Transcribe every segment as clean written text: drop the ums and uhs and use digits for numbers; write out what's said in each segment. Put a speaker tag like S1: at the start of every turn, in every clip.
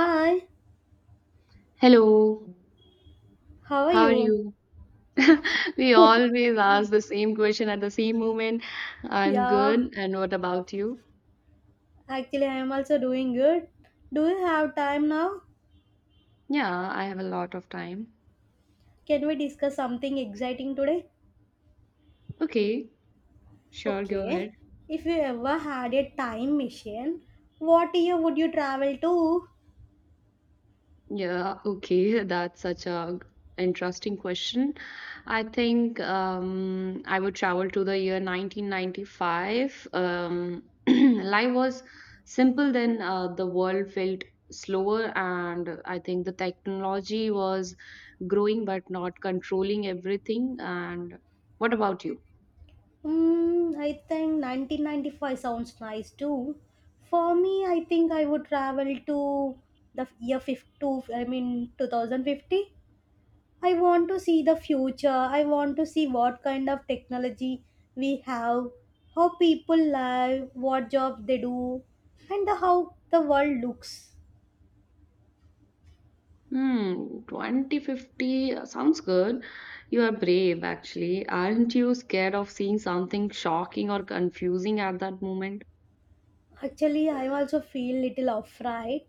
S1: Hi,
S2: Hello,
S1: how are
S2: how are
S1: you?
S2: you? We always ask the same question at the same moment. I'm
S1: Yeah,
S2: good, and what about you?
S1: actually, I am also doing good. Do you have time now?
S2: Yeah, I have a lot of time.
S1: Can we discuss something exciting today?
S2: Okay, sure, go
S1: Okay,
S2: ahead.
S1: if you ever had a time machine, what year would you travel to?
S2: Yeah, okay, that's such a interesting question. I think I would travel to the year 1995. Life was simple then, the world felt slower, and I think the technology was growing but not controlling everything. And what about you?
S1: Mm, I think 1995 sounds nice too. For me, I think I would travel to the year 50, I mean 2050. I want to see the future. I want to see what kind of technology we have, how people live, what jobs they do, and how the world looks.
S2: Hmm, 2050 sounds good. You are brave, actually. Aren't you scared of seeing something shocking or confusing at that moment?
S1: Actually, I also feel little afraid.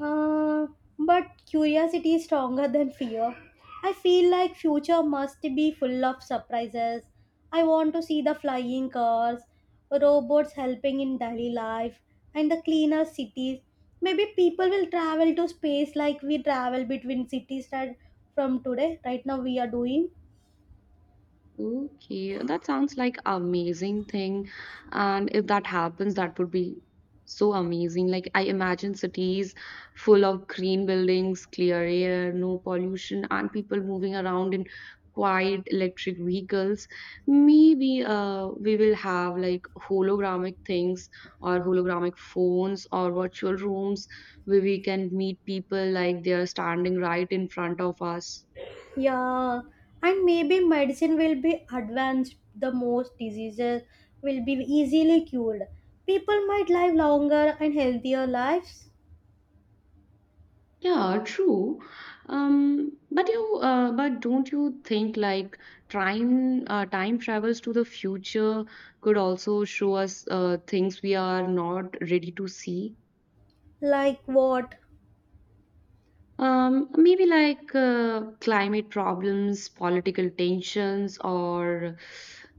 S1: Uh, but curiosity is stronger than fear. I feel like future must be full of surprises. I want to see the flying cars, robots helping in daily life, and the cleaner cities. Maybe people will travel to space like we travel between cities right from today. Right now we are doing.
S2: Okay, that sounds like amazing thing. And if that happens, that would be so amazing. Like I imagine cities full of green buildings, clear air, no pollution, and people moving around in quiet electric vehicles. Maybe we will have like hologramic things or hologramic phones or virtual rooms where we can meet people like they are standing right in front of us.
S1: Yeah, and maybe medicine will be advanced, the most diseases will be easily cured. People might live longer and healthier lives.
S2: Yeah, true. But but don't you think like time travels to the future could also show us things we are not ready to see?
S1: Like what?
S2: Maybe like climate problems, political tensions, or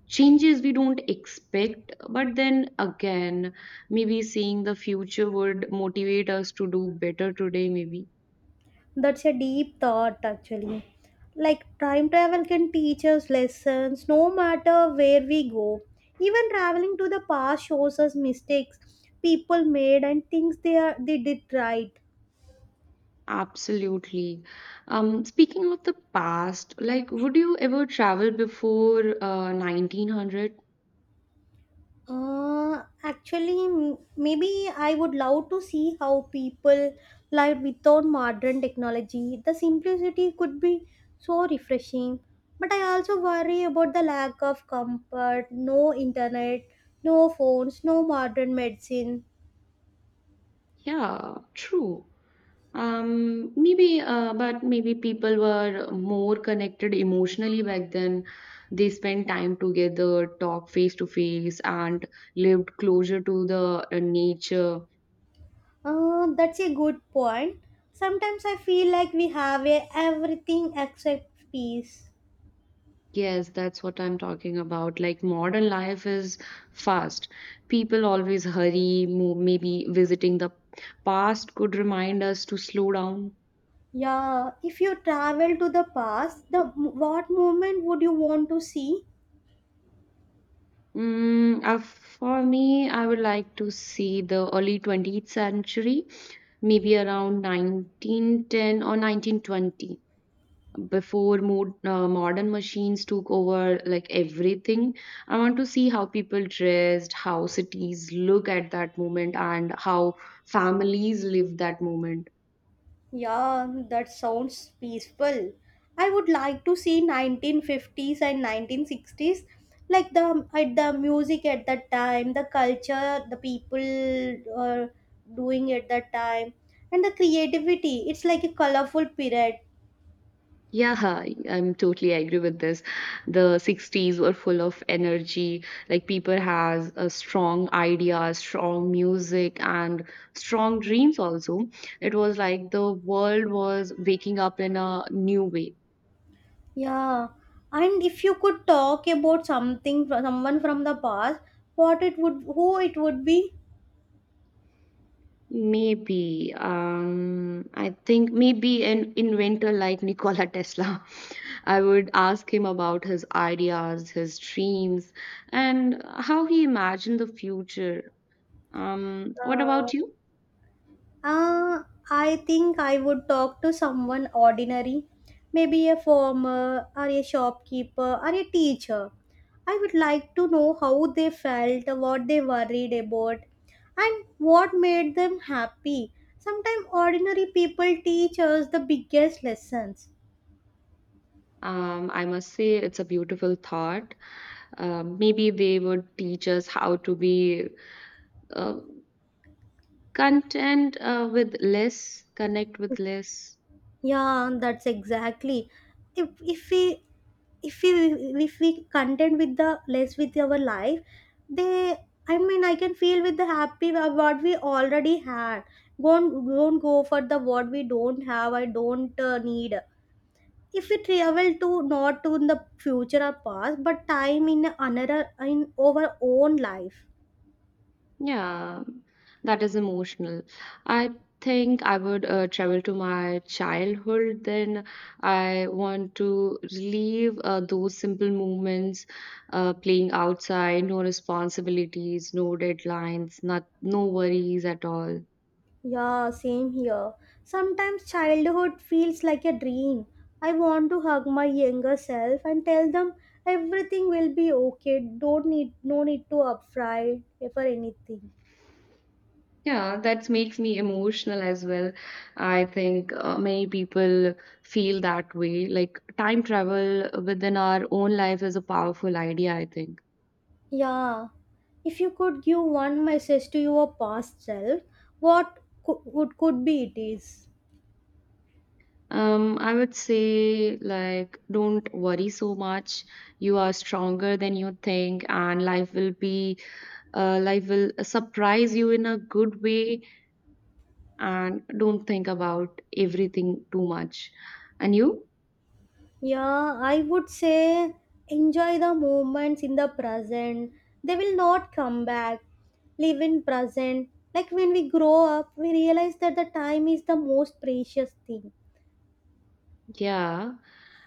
S2: changes we don't expect. But then again, maybe seeing the future would motivate us to do better today, maybe.
S1: That's a deep thought, actually. Like time travel can teach us lessons no matter where we go. Even traveling to the past shows us mistakes people made and things they did right.
S2: Absolutely. Speaking of the past, like, would you ever travel before 1900?
S1: Actually, maybe I would love to see how people lived without modern technology. The simplicity could be so refreshing. But I also worry about the lack of comfort, no internet, no phones, no modern medicine.
S2: Yeah, true. But maybe people were more connected emotionally back then. They spent time together, talked face to face, and lived closer to the nature.
S1: That's a good point. Sometimes I feel like we have a everything except peace.
S2: Yes, that's what I'm talking about. Like modern life is fast. People always hurry. Maybe visiting the past could remind us to slow down.
S1: Yeah, if you travel to the past, the what moment would you want to see?
S2: For me, I would like to see the early 20th century, maybe around 1910 or 1920, before modern machines took over like everything. I want to see how people dressed, how cities look at that moment, and how families live that moment.
S1: Yeah, that sounds peaceful. I would like to see 1950s and 1960s, like the music at that time, the culture, the people uh, doing at that time, and the creativity. It's like a colorful period.
S2: Yeah, I'm totally agree with this. The 60s were full of energy. Like people has a strong idea, strong music, and strong dreams also. It was like the world was waking up in a new way.
S1: Yeah, and if you could talk about something from someone from the past, who it would be?
S2: Maybe. I think maybe an inventor like Nikola Tesla. I would ask him about his ideas, his dreams, and how he imagined the future. What
S1: Uh,
S2: about you?
S1: Uh, I think I would talk to someone ordinary, maybe a farmer or a shopkeeper or a teacher. I would like to know how they felt, what they worried about, and what made them happy. Sometimes ordinary people teach us the biggest lessons.
S2: I must say it's a beautiful thought. Maybe they would teach us how to be uh, content with less, connect with less.
S1: Yeah, that's exactly. If if we if we if we content with the less with our life, they I mean I can feel with the happy of what we already had. Don't go for the what we don't have. I don't need. If we travel to not to in the future or past, but time in another in our own life.
S2: Yeah, that is emotional. I think I would travel to my childhood then. I want to relive those simple moments, playing outside, no responsibilities, no deadlines, not no worries at all.
S1: Yeah, same here. Sometimes childhood feels like a dream. I want to hug my younger self and tell them everything will be okay. Don't need No need to upfry for anything.
S2: Yeah, that makes me emotional as well. I think many people feel that way. Like time travel within our own life is a powerful idea, I think.
S1: Yeah. If you could give one message to your past self, what could be it is?
S2: I would say, like, don't worry so much. You are stronger than you think, and life will life will surprise you in a good way. And don't think about everything too much. And you?
S1: Yeah, I would say enjoy the moments in the present. They will not come back. Live in present. Like when we grow up, we realize that the time is the most precious thing.
S2: Yeah.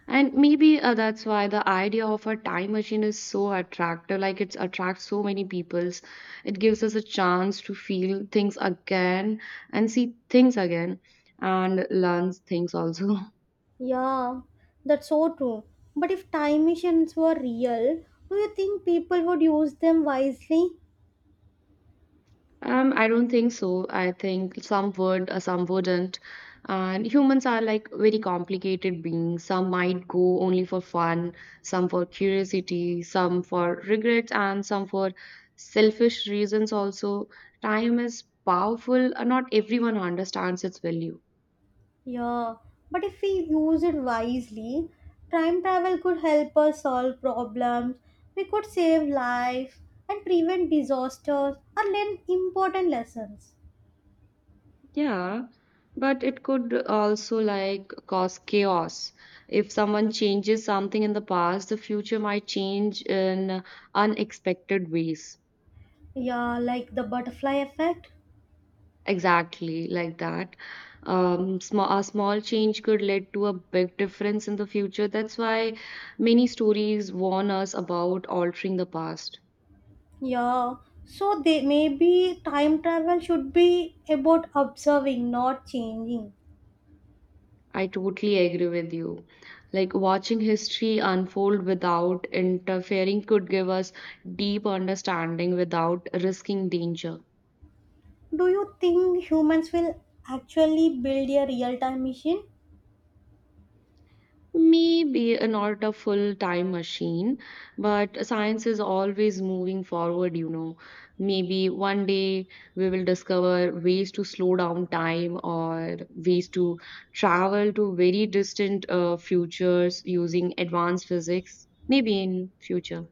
S2: And maybe that's why the idea of a time machine is so attractive. Like, it attracts so many peoples. It gives us a chance to feel things again and see things again and learn things also.
S1: Yeah, that's so true. But if time machines were real, do you think people would use them wisely?
S2: I don't think so. I think some would, some wouldn't. And humans are like very complicated beings. Some might go only for fun, some for curiosity, some for regrets, and some for selfish reasons also. Time is powerful, and not everyone understands its value.
S1: Yeah, but if we use it wisely, time travel could help us solve problems, we could save lives and prevent disasters or learn important lessons.
S2: Yeah, but it could also like cause chaos. If someone changes something in the past, the future might change in unexpected ways.
S1: Yeah, like the butterfly effect.
S2: Exactly, like that. A small change could lead to a big difference in the future. That's why many stories warn us about altering the past.
S1: Yeah, so they maybe time travel should be about observing, not changing.
S2: I totally agree with you. Like watching history unfold without interfering could give us deep understanding without risking danger.
S1: Do you think humans will actually build a real time machine?
S2: Not a full time machine, but science is always moving forward, you know. Maybe one day we will discover ways to slow down time or ways to travel to very distant futures using advanced physics, maybe in future.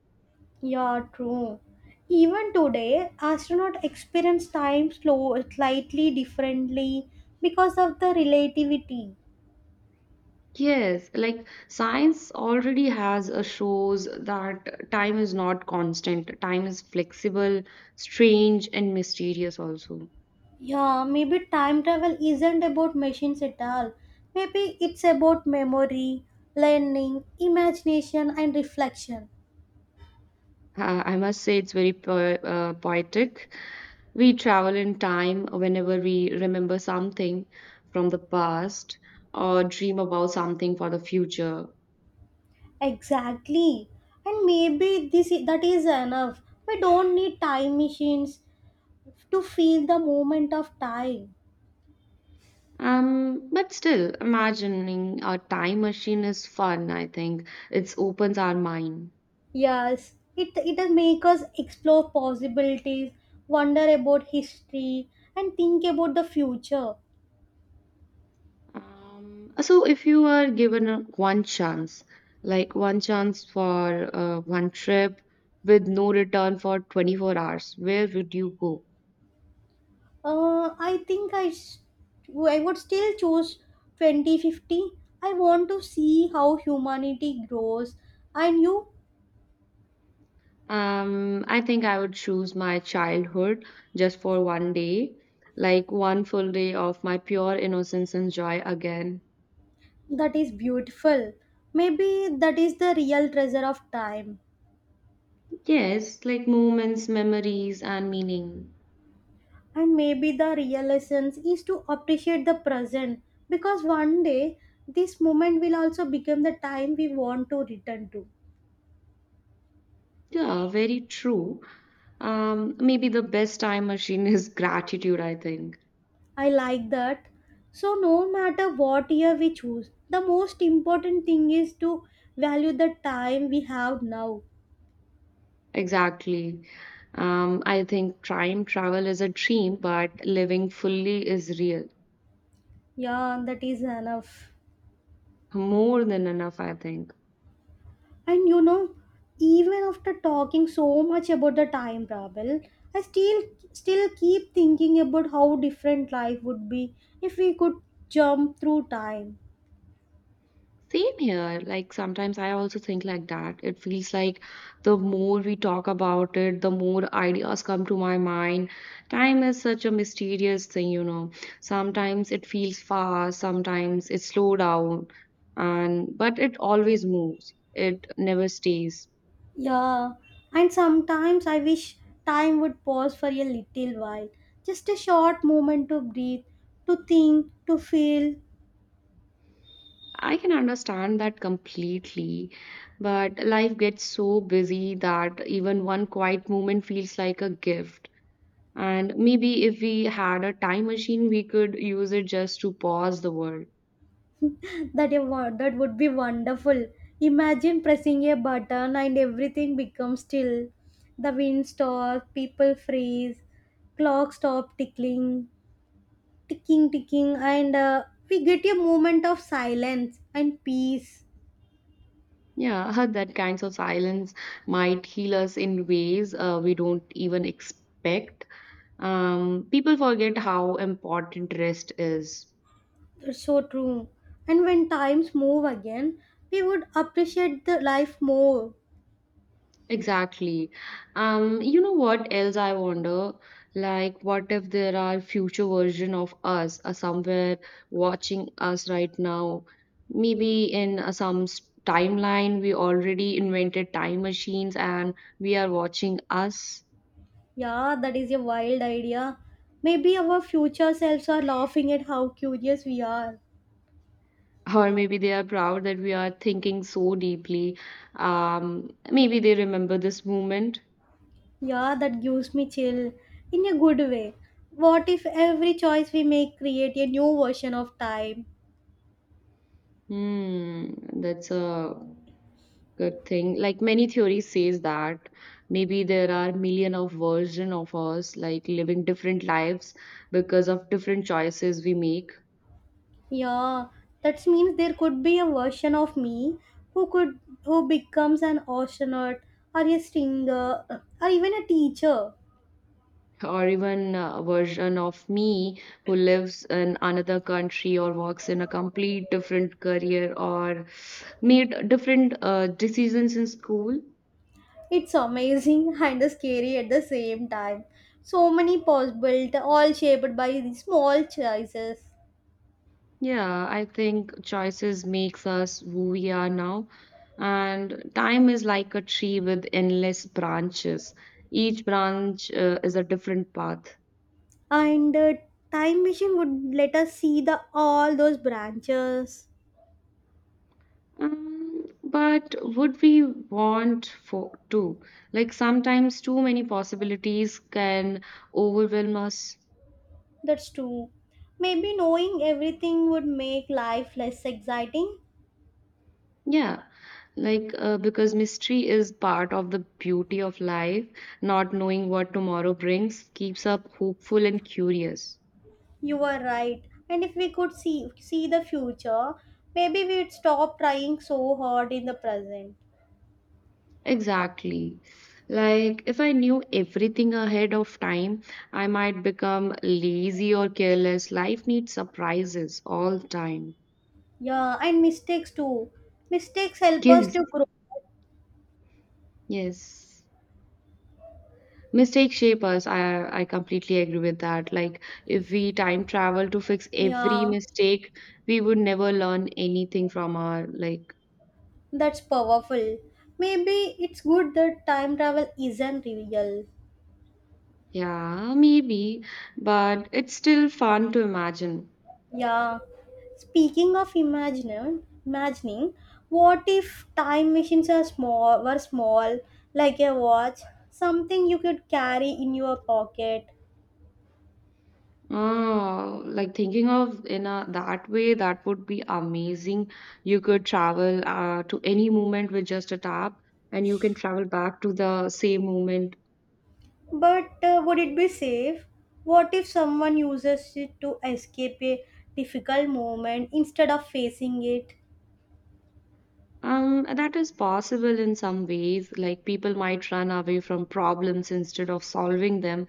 S1: Yeah, true. Even today, astronauts experience slightly differently because of the relativity.
S2: Yes, like science already has shows that time is not constant. Time is flexible, strange, and mysterious also.
S1: Yeah, maybe time travel isn't about machines at all. Maybe it's about memory, learning, imagination, and reflection.
S2: I must say it's very po poetic. We travel in time whenever we remember something from the past or dream about something for the future.
S1: Exactly. And maybe that is enough. We don't need time machines to feel the moment of time.
S2: But still, imagining a time machine is fun, I think. It opens our mind.
S1: Yes, it does make us explore possibilities, wonder about history, and think about the future.
S2: So if you were given one chance, like one chance for one trip with no return for 24 hours, where would you go?
S1: I think I would still choose 2050. I want to see how humanity grows, and you,
S2: I think I would choose my childhood just for one day, like one full day of my pure innocence and joy again.
S1: that is beautiful. Maybe that is the real treasure of time,
S2: Yes, like moments, memories, and meaning.
S1: and maybe the real essence is to appreciate the present because one day this moment will also become the time we want to return to.
S2: Yeah, very true. Maybe the best time machine is gratitude, I think.
S1: I like that. So, no matter what year we choose, the most important thing is to value the time we have now.
S2: Exactly. I think time travel is a dream, but living fully is real.
S1: Yeah, that is enough.
S2: More than enough, I think.
S1: And you know, even after talking so much about the time travel, I still keep thinking about how different life would be if we could jump through time.
S2: Same here. Like sometimes I also think like that. It feels like the more we talk about it, the more ideas come to my mind. Time is such a mysterious thing, you know. Sometimes it feels fast, sometimes it slow down, and but it always moves. It never stays.
S1: Yeah, and sometimes I wish time would pause for a little while, just a short moment to breathe, to think, to feel.
S2: I can understand that completely, but life gets so busy that even one quiet moment feels like a gift. And maybe if we had a time machine, we could use it just to pause the world.
S1: That would be wonderful. Imagine pressing a button and everything becomes still. The wind stops, people freeze, clock stop tickling, and we get a moment of silence and peace.
S2: Yeah, that kinds of silence might heal us in ways we don't even expect. People forget how important rest is.
S1: That's so true. And when times move again, we would appreciate the life more.
S2: Exactly. You know what else I wonder? Like, what if there are future version of us are somewhere watching us right now? Maybe in some timeline, we already invented time machines and we are watching us.
S1: Yeah, that is a wild idea. Maybe our future selves are laughing at how curious we are.
S2: Or maybe they are proud that we are thinking so deeply. Maybe they remember this moment.
S1: Yeah, that gives me chill in a good way. What if every choice we make create a new version of time?
S2: Hmm, that's a good thing. Like many theories says that maybe there are million of version of us, like living different lives because of different choices we make,
S1: Yeah, that means there could be a version of me who could who becomes an astronaut or a singer or even a teacher.
S2: or even a version of me who lives in another country or works in a complete different career or made different decisions in school.
S1: It's amazing and scary at the same time. So many possible, all shaped by the small choices.
S2: Yeah, I think choices makes us who we are now. And time is like a tree with endless branches. Each branch is a different path.
S1: And time machine would let us see the all those branches.
S2: But would we want for to? Like sometimes too many possibilities can overwhelm us.
S1: That's true. Maybe knowing everything would make life less exciting.
S2: Yeah. Like because mystery is part of the beauty of life, not knowing what tomorrow brings keeps us hopeful and curious.
S1: You are right. And if we could see the future, maybe we'd stop trying so hard in the present.
S2: Exactly. Like, if I knew everything ahead of time, I might become lazy or careless. Life needs surprises all the time.
S1: Yeah, and mistakes too. Mistakes help us
S2: Yes,
S1: to grow.
S2: yes. Mistakes shape us. I completely agree with that. Like, if we time travel to fix every
S1: Yeah.
S2: mistake, we would never learn anything from our, like,
S1: That's powerful. Maybe it's good that time travel isn't real.
S2: yeah, maybe, but it's still fun to imagine.
S1: Yeah. Speaking of imagining, what if time machines were small, like a watch, something you could carry in your pocket?
S2: Oh, like thinking of in a that way, that would be amazing. You could travel to any moment with just a tap, and you can travel back to the same moment.
S1: But would it be safe? What if someone uses it to escape a difficult moment instead of facing it?
S2: That is possible in some ways. Like people might run away from problems instead of solving them.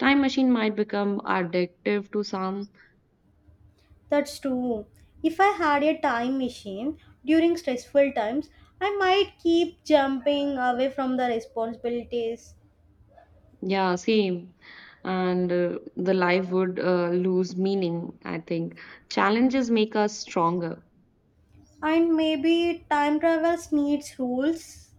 S2: Time machine might become addictive to some.
S1: That's true. If I had a time machine during stressful times, I might keep jumping away from the responsibilities.
S2: Yeah, same. And the life would lose meaning, I think. Challenges make us stronger.
S1: And maybe time travels needs rules.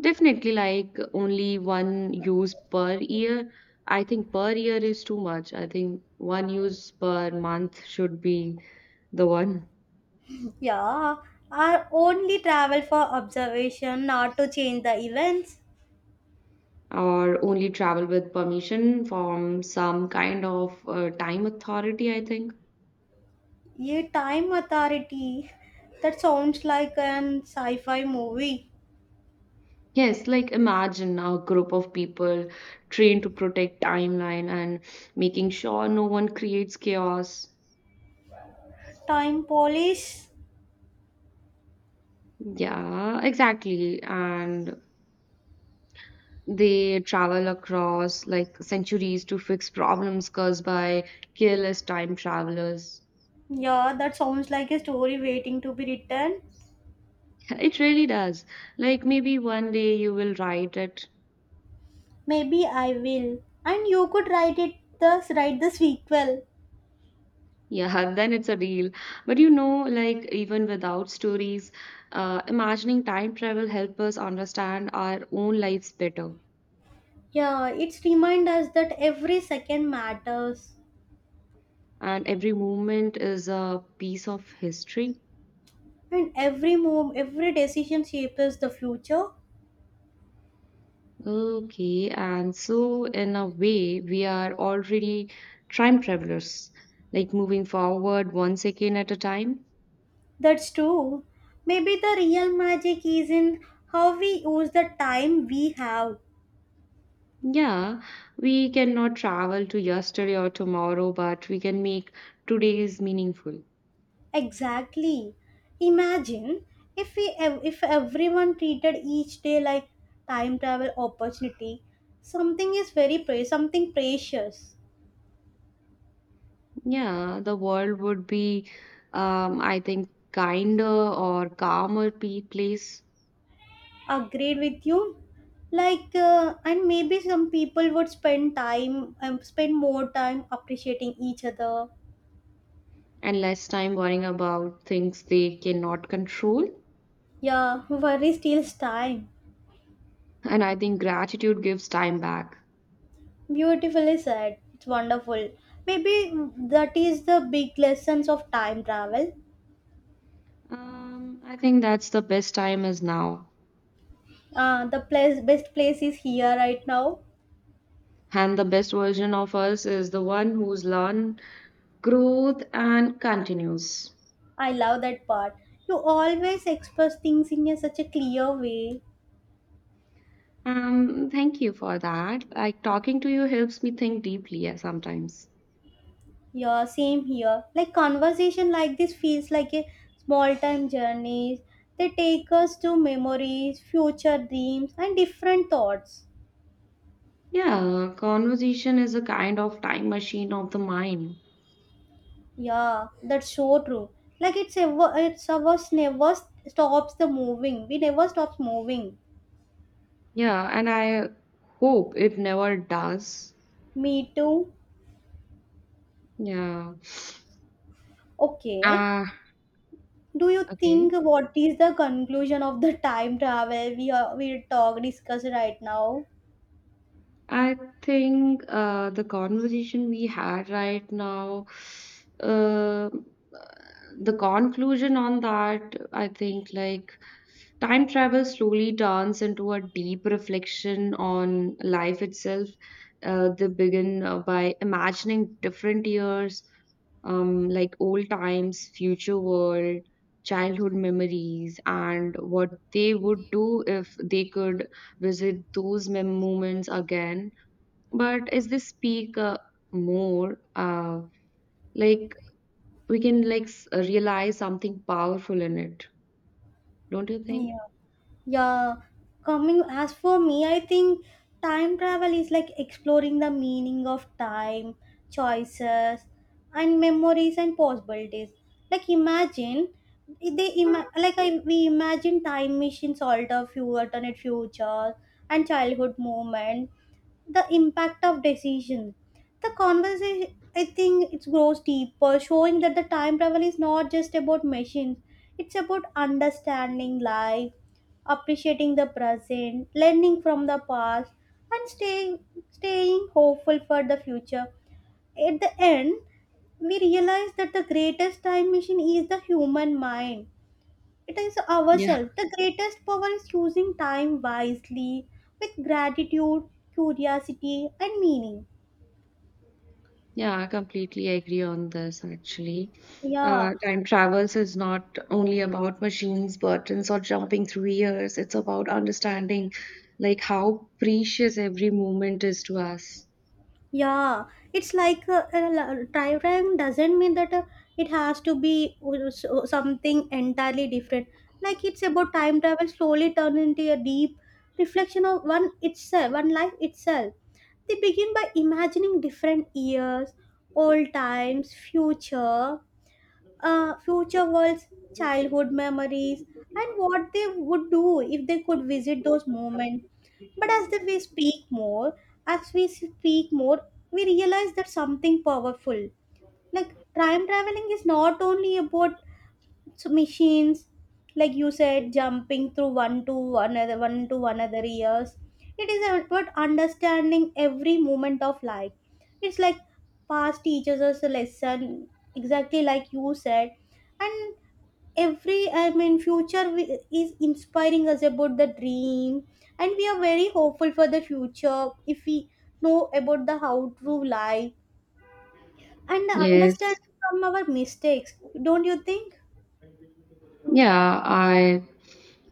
S2: Definitely, like only one use per year. I think per year is too much. I think one use per month should be the one,
S1: Yeah, are only travel for observation, not to change the events.
S2: or only travel with permission from some kind of time authority, I think.
S1: A time authority. That sounds like an sci-fi movie.
S2: Yes, like imagine a group of people trained to protect timeline and making sure no one creates chaos.
S1: Time police.
S2: Yeah, exactly. And they travel across like centuries to fix problems caused by careless time travelers.
S1: Yeah, that sounds like a story waiting to be written.
S2: It really does. Like maybe one day you will write it.
S1: Maybe I will. And you could write it thus write the sequel.
S2: Yeah, then it's a deal. But you know, like even without stories, imagining time travel help us understand our own lives better.
S1: Yeah, it's remind us that every second matters
S2: And every moment is a piece of history.
S1: and every move, every decision shapes the future.
S2: Okay, and so in a way, we are already time travelers, like moving forward one second at a time.
S1: That's true. Maybe the real magic is in how we use the time we have.
S2: Yeah, we cannot travel to yesterday or tomorrow, but we can make today's meaningful.
S1: Exactly. Imagine if we ev- if everyone treated each day like time travel opportunity, something precious.
S2: Yeah, the world would be, I think, kinder or calmer place,
S1: Agreed with you like and maybe some people would spend time spend more time appreciating each other.
S2: and less time worrying about things they cannot control.
S1: Yeah, worry steals time.
S2: And I think gratitude gives time back.
S1: Beautifully said, it's wonderful. Maybe that is the big lessons of time travel.
S2: I think that's the best time is now.
S1: The place Best place is here right now.
S2: And the best version of us is the one who's learned, growth, and continues.
S1: I love that part. You always express things in such a clear way.
S2: Thank you for that. Like talking to you helps me think deeply sometimes.
S1: Yeah, same here. Like conversation like this feels like a small time journey. They take us to memories, future dreams, and different thoughts.
S2: Yeah, conversation is a kind of time machine of the mind.
S1: Yeah, that's so true. Like it's ours, never stops the moving. We never stops moving.
S2: Yeah, and I hope it never does.
S1: Me too.
S2: Yeah.
S1: Okay.
S2: Ah,
S1: Do you
S2: okay.
S1: think what is the conclusion of the time travel we talk discuss right now?
S2: I think the conversation we had right now, uh, the conclusion on that, I think like time travel slowly turns into a deep reflection on life itself. They begin by imagining different years, like old times, future world, childhood memories, and what they would do if they could visit those moments again, but as they speak more, like we can realize something powerful in it, don't you think?
S1: Yeah. Yeah, coming as for me, I think time travel is like exploring the meaning of time, choices, and memories and possibilities. Like imagine they ima- like I, we imagine time machines alter few alternate futures and childhood moment, the impact of decisions. The conversation I think it grows deeper, showing that the time travel is not just about machines, it's about understanding life appreciating the present, learning from the past, and staying hopeful for the future. At the end, we realize that the greatest time machine is the human mind. It is
S2: Yeah,
S1: ourselves. The greatest power is using time wisely with gratitude, curiosity, and meaning.
S2: yeah, I completely agree on this actually.
S1: Yeah,
S2: Uh, time travels is not only about machines, buttons, or jumping through years. It's about understanding like how precious every moment is to us.
S1: yeah, it's like a diagram doesn't mean that it has to be something entirely different. Like it's about time travel slowly turn into a deep reflection of one itself, one life itself. They begin by imagining different years, old times, future, future worlds, childhood memories, and what they would do if they could visit those moments. But we speak more, as we speak more, we realize that something powerful. Like time traveling is not only about machines, like you said, jumping through one to another years. It is about understanding every moment of life. It's like past teaches us a lesson, exactly like you said, and every future is inspiring us about the dream, and we are very hopeful for the future if we know about the how to life and the
S2: Yes.
S1: understanding from our mistakes, don't you think?
S2: Yeah, I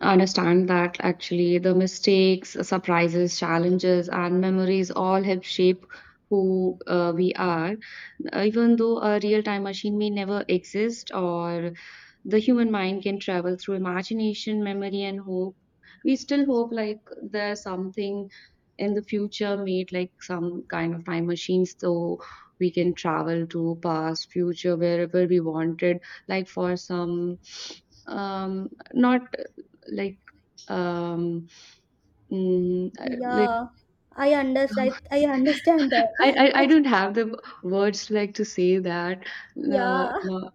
S2: understand that actually. The mistakes, surprises, challenges, and memories all help shape who we are. Even though a real time machine may never exist, or the human mind can travel through imagination, memory, and hope, we still hope like there's something in the future made like some kind of time machines so we can travel to past future wherever we wanted, like for some, um not, like, um, I like,
S1: Yeah, I understand
S2: I
S1: that.
S2: I I don't have the words, like, to say that,
S1: Yeah.
S2: no,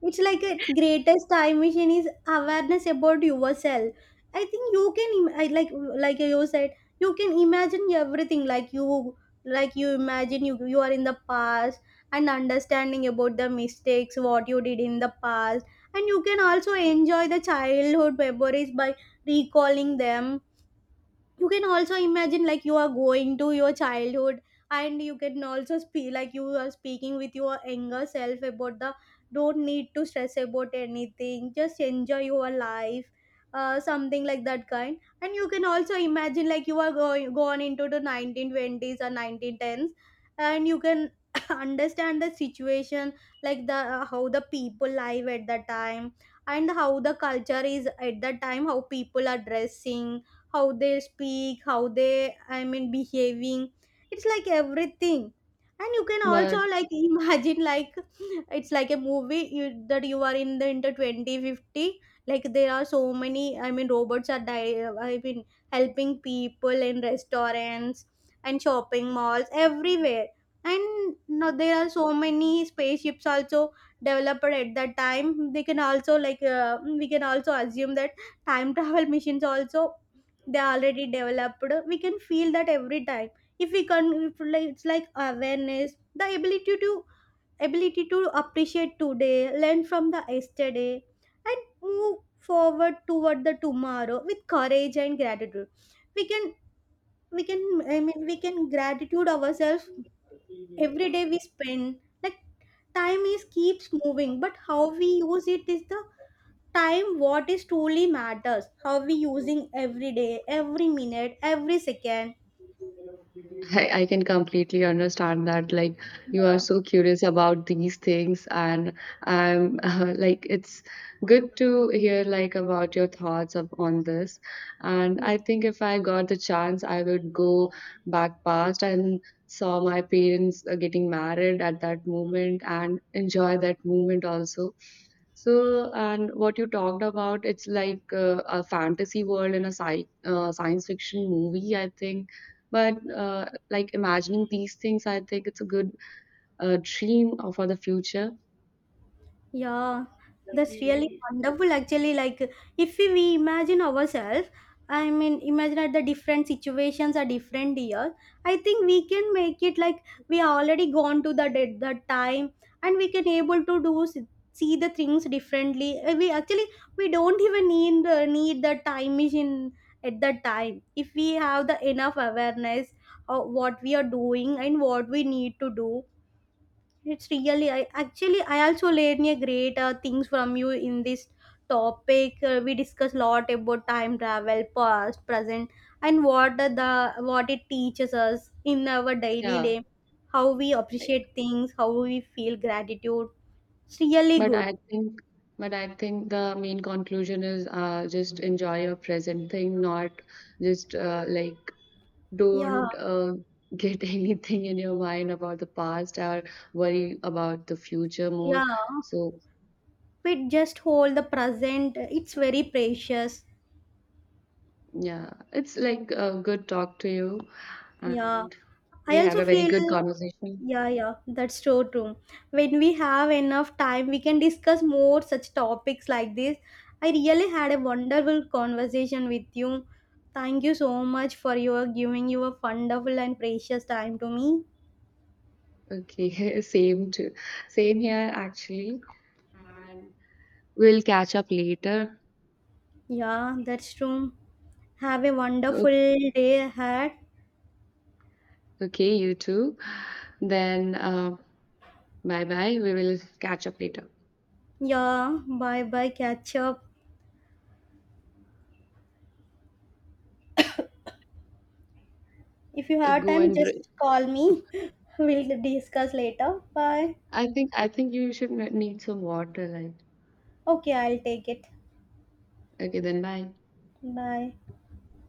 S1: It's like a greatest time machine is awareness about yourself. I think I like you said, you can imagine everything like you imagine you are in the past and understanding about the mistakes what you did in the past, and you can also enjoy the childhood memories by recalling them. You can also imagine like you are going to your childhood, and you can also speak like you are speaking with your younger self about the don't need to stress about anything, just enjoy your life. Something like that kind, and you can also imagine like you are going gone into the 1920s or 1910s, and you can understand the situation, like the how the people live at that time, and how the culture is at that time, how people are dressing, how they speak, how they behaving. It's like everything. And you can also
S2: but
S1: like imagine like it's like a movie that you are in the into 2050. Like there are so many robots helping people in restaurants and shopping malls everywhere, and now there are so many spaceships also developed at that time. They can also like we can also assume that time travel machines also, they already developed. We can feel that every time, if we can, if like it's like awareness, the ability to, ability to appreciate today, learn from the yesterday, and move forward toward the tomorrow with courage and gratitude. we can we can, we can gratitude ourselves every day we spend. Like time is keeps moving, but how we use it is the time, what is truly matters, how we using every day, every minute, every second.
S2: I can completely understand that. Like, you are
S1: Yeah,
S2: so curious about these things, and I'm like, it's good to hear like about your thoughts of, on this. And
S1: yeah,
S2: I think if I got the chance, I would go back past and saw my parents getting married at that moment and enjoy that moment also. So, and what you talked about, it's like a fantasy world in a science fiction movie, I think. But like imagining these things, I think it's a good dream for the future.
S1: yeah. That's really wonderful actually. Like if we imagine ourselves, I mean imagine at the different situations are different year, I think we can make it like we are already gone to the dead that time, and we can able see the things differently. We actually we don't even need need the time machine at that time, if we have the enough awareness of what we are doing and what we need to do. I also learned a great things from you in this topic. We discuss lot about time travel, past, present, and what are the what it teaches us in our daily
S2: Yeah,
S1: life, how we appreciate things, how we feel gratitude. It's really
S2: but
S1: good.
S2: I think, but I think the main conclusion is just enjoy your present thing, not just like
S1: Yeah,
S2: don't get anything in your mind about the past or worry about the future more.
S1: yeah.
S2: So
S1: We just hold the present. It's very precious.
S2: yeah, it's like a good talk to you,
S1: Yeah.
S2: and
S1: I
S2: we had
S1: also
S2: a very good
S1: feel.
S2: conversation.
S1: Yeah, yeah, that's so true. When we have enough time, we can discuss more such topics like this. I really had a wonderful conversation with you. Thank you so much for your giving your wonderful and precious time to me.
S2: Okay, same too. Same here, actually. And we'll catch up later.
S1: Yeah, that's true. Have a wonderful
S2: Okay,
S1: day ahead.
S2: okay, you too. Then, bye bye. We will catch up later.
S1: Yeah, bye bye, catch up. If you have
S2: Go
S1: time,
S2: and
S1: just
S2: drink.
S1: call me. We'll discuss later. Bye.
S2: I think you should need some water. Like,
S1: Okay, I'll take it.
S2: okay, then bye.
S1: Bye.